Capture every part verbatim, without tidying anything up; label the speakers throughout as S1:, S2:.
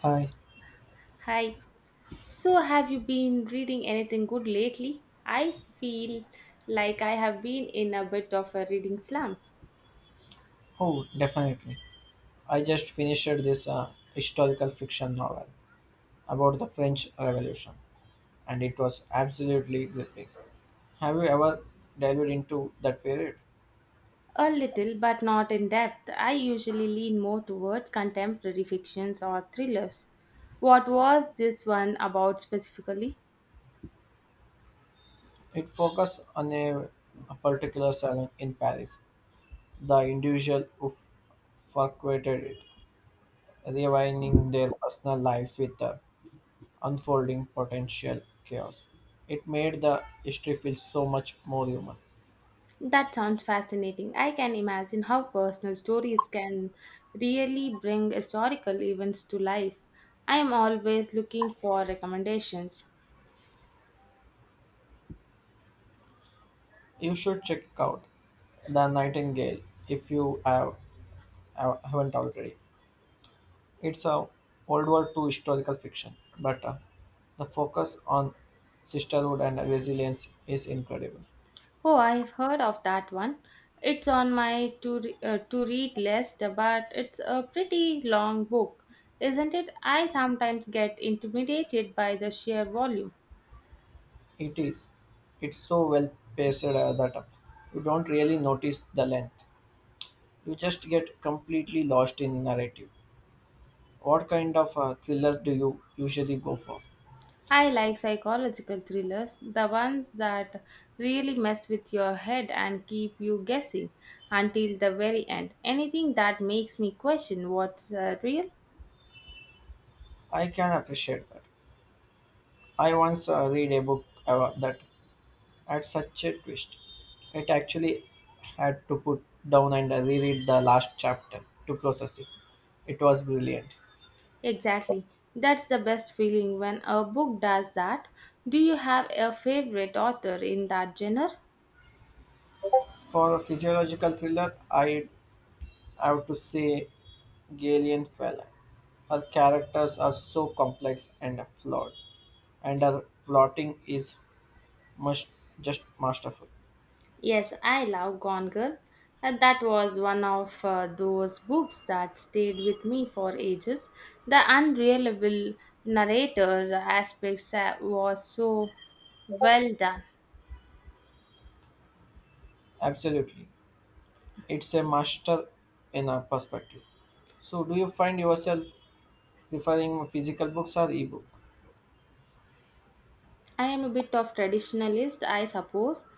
S1: Hi,
S2: Hi. So, have you been reading anything good lately? I feel like I have been in a bit of a reading slump.
S1: oh definitely. I just finished this uh, historical fiction novel about the French Revolution, and it was absolutely gripping. Have you ever delved into that period?
S2: A little, but not in depth. I usually lean more towards contemporary fictions or thrillers. What was this one about specifically?
S1: It focused on a, a particular salon in Paris. The individual who f- frequented it, rewining their personal lives with the unfolding potential chaos. It made the history feel so much more human.
S2: That sounds fascinating. I can imagine how personal stories can really bring historical events to life. I am always looking for recommendations.
S1: You should check out The Nightingale if you have, have- haven't already. It's a World War Two historical fiction, but uh, the focus on sisterhood and resilience is incredible.
S2: Oh, I've heard of that one. It's on my to, re- uh, to read list, but it's a pretty long book, isn't it? I sometimes get intimidated by the sheer volume.
S1: It is. It's so well paced uh, that uh, you don't really notice the length. You just get completely lost in narrative. What kind of uh, thriller do you usually go for?
S2: I like psychological thrillers, the ones that really mess with your head and keep you guessing until the very end. Anything that makes me question what's uh, real?
S1: I can appreciate that. I once uh, read a book uh, that had such a twist. It actually had to put down and reread the last chapter to process it. It was brilliant.
S2: Exactly. That's the best feeling when a book does that. Do you have a favorite author in that genre?
S1: For a physiological thriller, I have to say Gillian Fallon. Her characters are so complex and flawed, and her plotting is must, just masterful.
S2: Yes, I love Gone Girl. And that was one of uh, those books that stayed with me for ages. The unreliable narrator aspects uh, was so well done.
S1: Absolutely. It's a master in a perspective. So, do you find yourself preferring physical books or ebook?
S2: I am a bit of traditionalist, I suppose.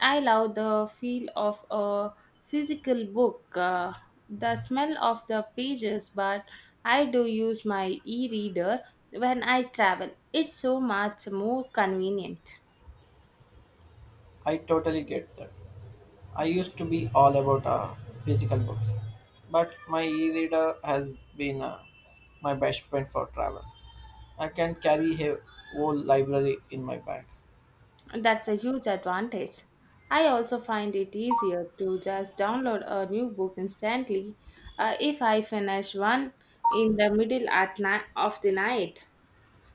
S2: I love the feel of a physical book, uh, the smell of the pages, but I do use my e-reader when I travel. It's so much more convenient.
S1: I totally get that. I used to be all about uh, physical books, but my e reader has been uh, my best friend for travel. I can carry a whole library in my bag.
S2: That's a huge advantage. I also find it easier to just download a new book instantly uh, if I finish one in the middle at ni- of the night.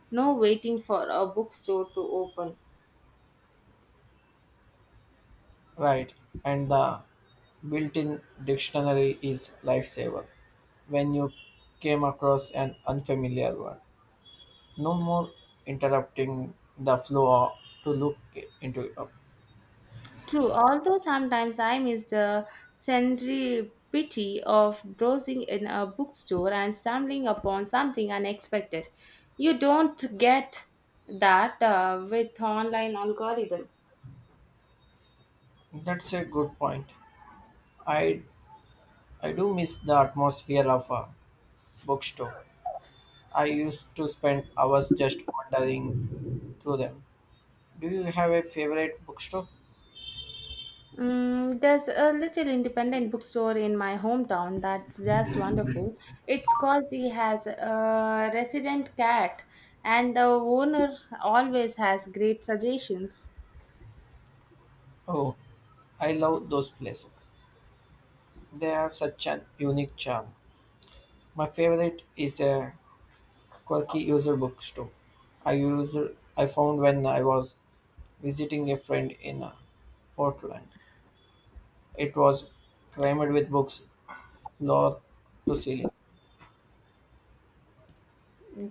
S2: No waiting for a bookstore to open.
S1: Right, and the built in dictionary is lifesaver when you came across an unfamiliar word. No more interrupting the flow to look into it. Up.
S2: True, although sometimes I miss the serendipity of browsing in a bookstore and stumbling upon something unexpected. You don't get that uh, with online algorithm.
S1: That's a good point. I I do miss the atmosphere of a bookstore. I used to spend hours just wandering through them. Do you have a favorite bookstore?
S2: Mm, there's a little independent bookstore in my hometown that's just wonderful. It's cozy, has a resident cat, and the owner always has great suggestions.
S1: Oh, I love those places. They have such an unique charm. My favorite is a quirky user bookstore. I used I found when I was visiting a friend in uh, Portland. It was crammed with books floor to ceiling.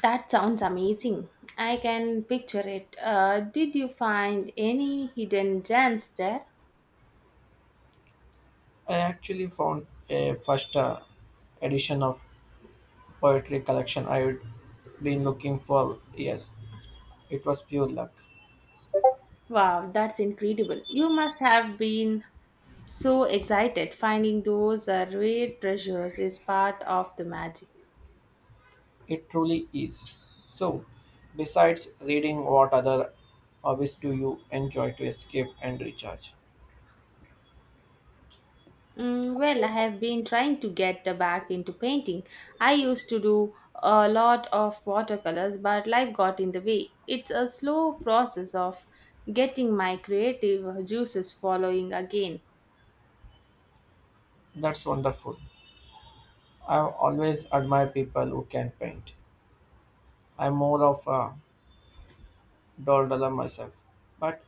S2: That sounds amazing. I can picture it. Uh, did you find any hidden gems there?
S1: I actually found a first uh, edition of poetry collection I have been looking for years. It was pure luck.
S2: Wow, that's incredible. You must have been so excited. Finding those uh, rare treasures is part of the magic.
S1: It truly is. So, besides reading, what other hobbies do you enjoy to escape and recharge?
S2: Mm, well, I have been trying to get uh, back into painting. I used to do a lot of watercolors, but life got in the way. It's a slow process of getting my creative juices flowing again.
S1: That's wonderful. I always admire people who can paint. I'm more of a dollar myself, but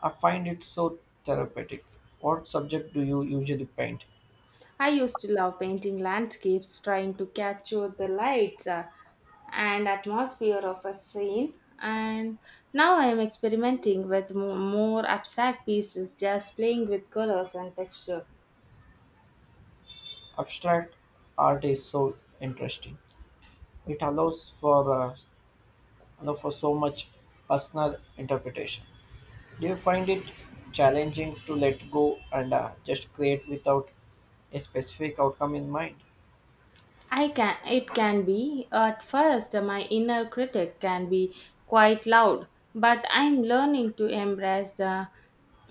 S1: I find it so therapeutic. What subject do you usually paint?
S2: I used to love painting landscapes, trying to capture the lights uh, and atmosphere of a scene. And now I am experimenting with mo- more abstract pieces, just playing with colors and texture.
S1: Abstract art is so interesting. It allows for uh, allow for so much personal interpretation. Do you find it challenging to let go and uh, just create without a specific outcome in mind?
S2: I can It can be at first. My inner critic can be quite loud, but I'm learning to embrace the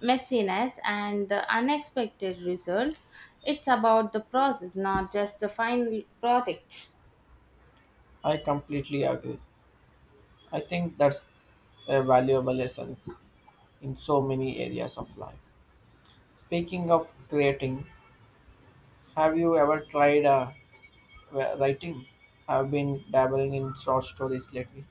S2: messiness and the unexpected results. It's about the process, not just the final product.
S1: I completely agree. I think that's a valuable lesson in so many areas of life. Speaking of creating, have you ever tried uh, wh- writing? I've been dabbling in short stories lately.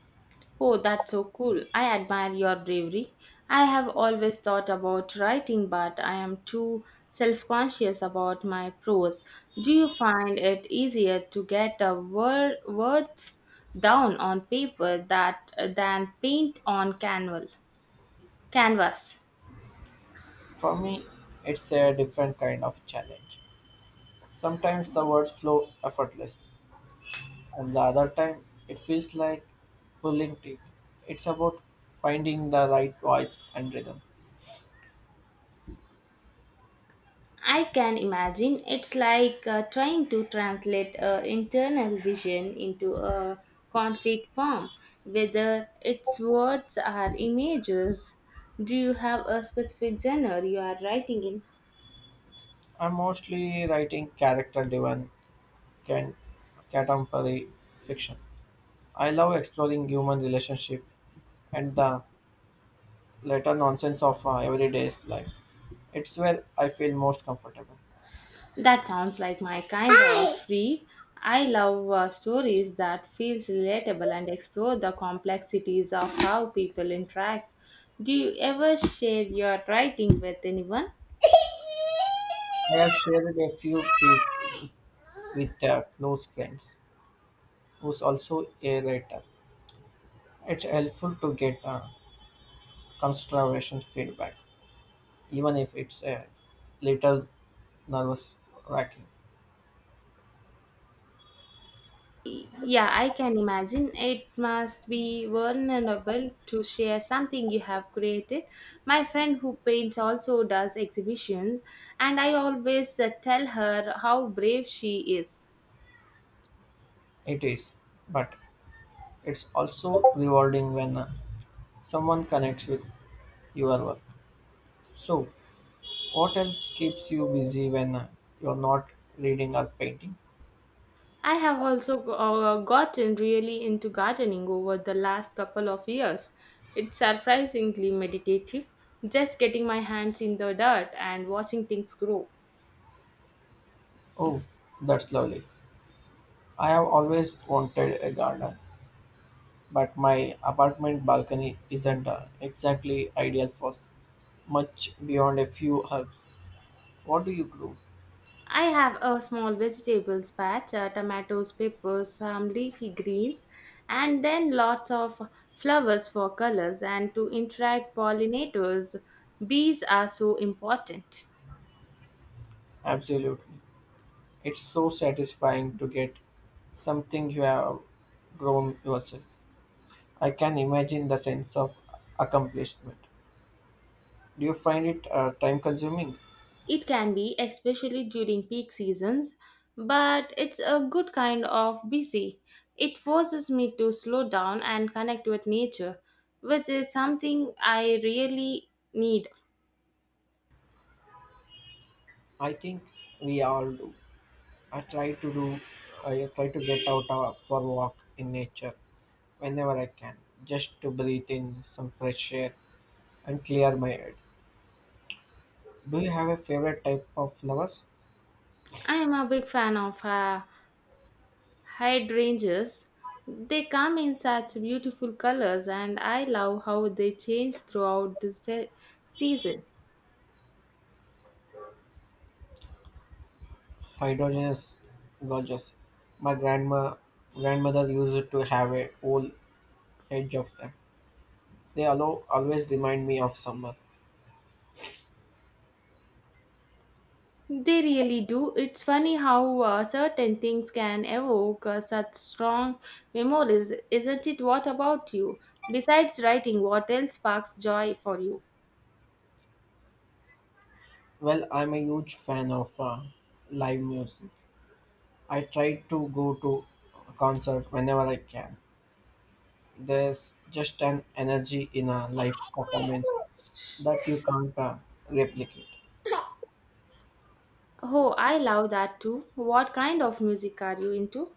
S2: Oh, that's so cool. I admire your bravery. I have always thought about writing, but I am too self conscious about my prose. Do you find it easier to get the word, words down on paper that, than paint on canval, canvas?
S1: For me, it's a different kind of challenge. Sometimes the words flow effortlessly and the other time it feels like pulling teeth. It's about finding the right voice and rhythm.
S2: I can imagine it's like uh, trying to translate uh, internal vision into a concrete form, whether its words or images. Do you have a specific genre you are writing in?
S1: I'm mostly writing character driven can contemporary fiction. I love exploring human relationship and the later nonsense of uh, everyday life. It's where I feel most comfortable.
S2: That sounds like my kind of read. I love uh, stories that feels relatable and explore the complexities of how people interact. Do you ever share your writing with anyone?
S1: I have shared a few pieces with uh, close friends who's also a writer. It's helpful to get uh, construction feedback even if it's a little nervous wracking.
S2: Yeah, I can imagine. It must be vulnerable to share something you have created. My friend who paints also does exhibitions, and I always uh, tell her how brave she is.
S1: It is, but it's also rewarding when uh, someone connects with your work. So, what else keeps you busy when uh, you're not reading or painting?
S2: I have also uh, gotten really into gardening over the last couple of years. It's surprisingly meditative, just getting my hands in the dirt and watching things grow.
S1: Oh, that's lovely. I have always wanted a garden, but my apartment balcony isn't uh, exactly ideal for s- much beyond a few herbs. What do you grow?
S2: I have a small vegetables patch, uh, tomatoes, peppers, some leafy greens, and then lots of flowers for colors. And to interact pollinators, bees are so important.
S1: Absolutely. It's so satisfying to get something you have grown yourself. I can imagine the sense of accomplishment. Do you find it uh, time consuming?
S2: It can be especially during peak seasons, but it's a good kind of busy. It forces me to slow down and connect with nature, which is something I really need.
S1: I think we all do. I try to do, I try to get out uh, for a walk in nature whenever I can, just to breathe in some fresh air and clear my head. Do you have a favorite type of flowers?
S2: I am a big fan of uh, hydrangeas. They come in such beautiful colors, and I love how they change throughout the se- season.
S1: Hydrogenous gorgeous. My grandma grandmother used to have a whole edge of them. They allow, always remind me of summer.
S2: They really do. It's funny how uh, certain things can evoke uh, such strong memories, isn't it? What about you, besides writing, what else sparks joy for you?
S1: Well, I'm a huge fan of uh, live music. I try to go to a concert whenever I can. There's just an energy in a live performance that you can't uh, replicate.
S2: Oh, I love that too. What kind of music are you into?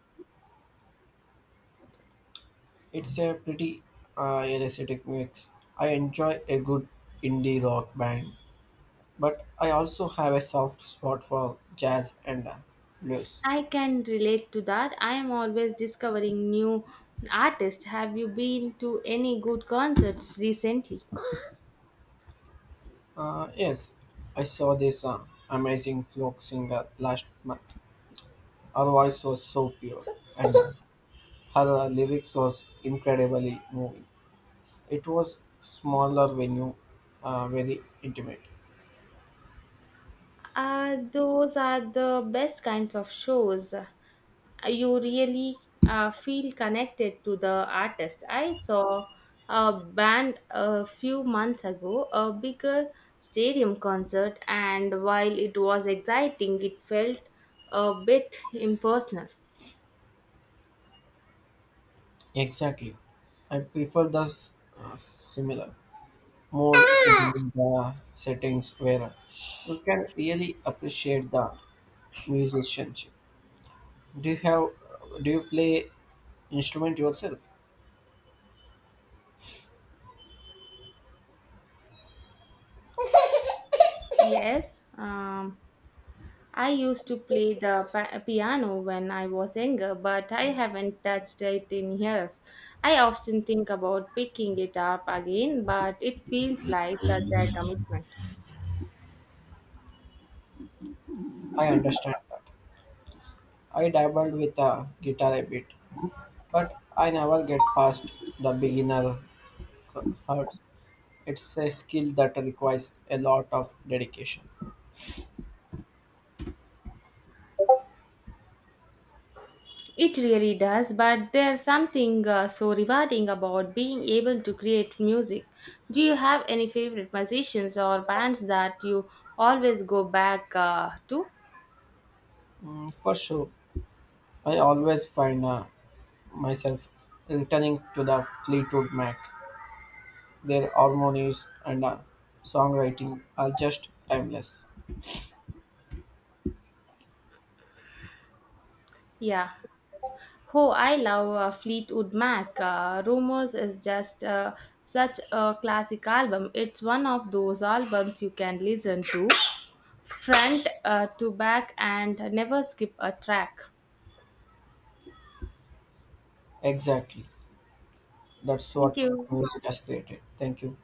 S1: It's a pretty uh, electric mix. I enjoy a good indie rock band, but I also have a soft spot for jazz and uh, blues.
S2: I can relate to that. I am always discovering new artists. Have you been to any good concerts recently?
S1: Uh, yes, I saw this uh, amazing folk singer last month. Her voice was so pure, and uh, her uh, lyrics was incredibly moving. It was smaller venue, uh, very intimate.
S2: Uh, those are the best kinds of shows. Uh, You really uh, feel connected to the artist. I saw a band a few months ago, a bigger stadium concert, and while it was exciting, it felt a bit impersonal.
S1: Exactly, I prefer the s- uh, similar, more intimate uh, settings where you can really appreciate the musicianship. Do you have? Do you play instrument yourself?
S2: Yes. Um, I used to play the pa- piano when I was younger, but I haven't touched it in years. I often think about picking it up again, but it feels like such a commitment.
S1: I understand. I dabbled with the guitar a bit, but I never get past the beginner hurts. It's a skill that requires a lot of dedication.
S2: It really does, but there's something uh, so rewarding about being able to create music. Do you have any favorite musicians or bands that you always go back uh, to?
S1: Mm, for sure, I always find uh, myself returning to the Fleetwood Mac. Their harmonies and uh, songwriting are just timeless.
S2: Yeah. Oh, I love uh, Fleetwood Mac. Uh, Rumors is just uh, such a classic album. It's one of those albums you can listen to front uh, to back and never skip a track.
S1: Exactly. That's
S2: Thank
S1: what
S2: you.
S1: music has created. Thank you.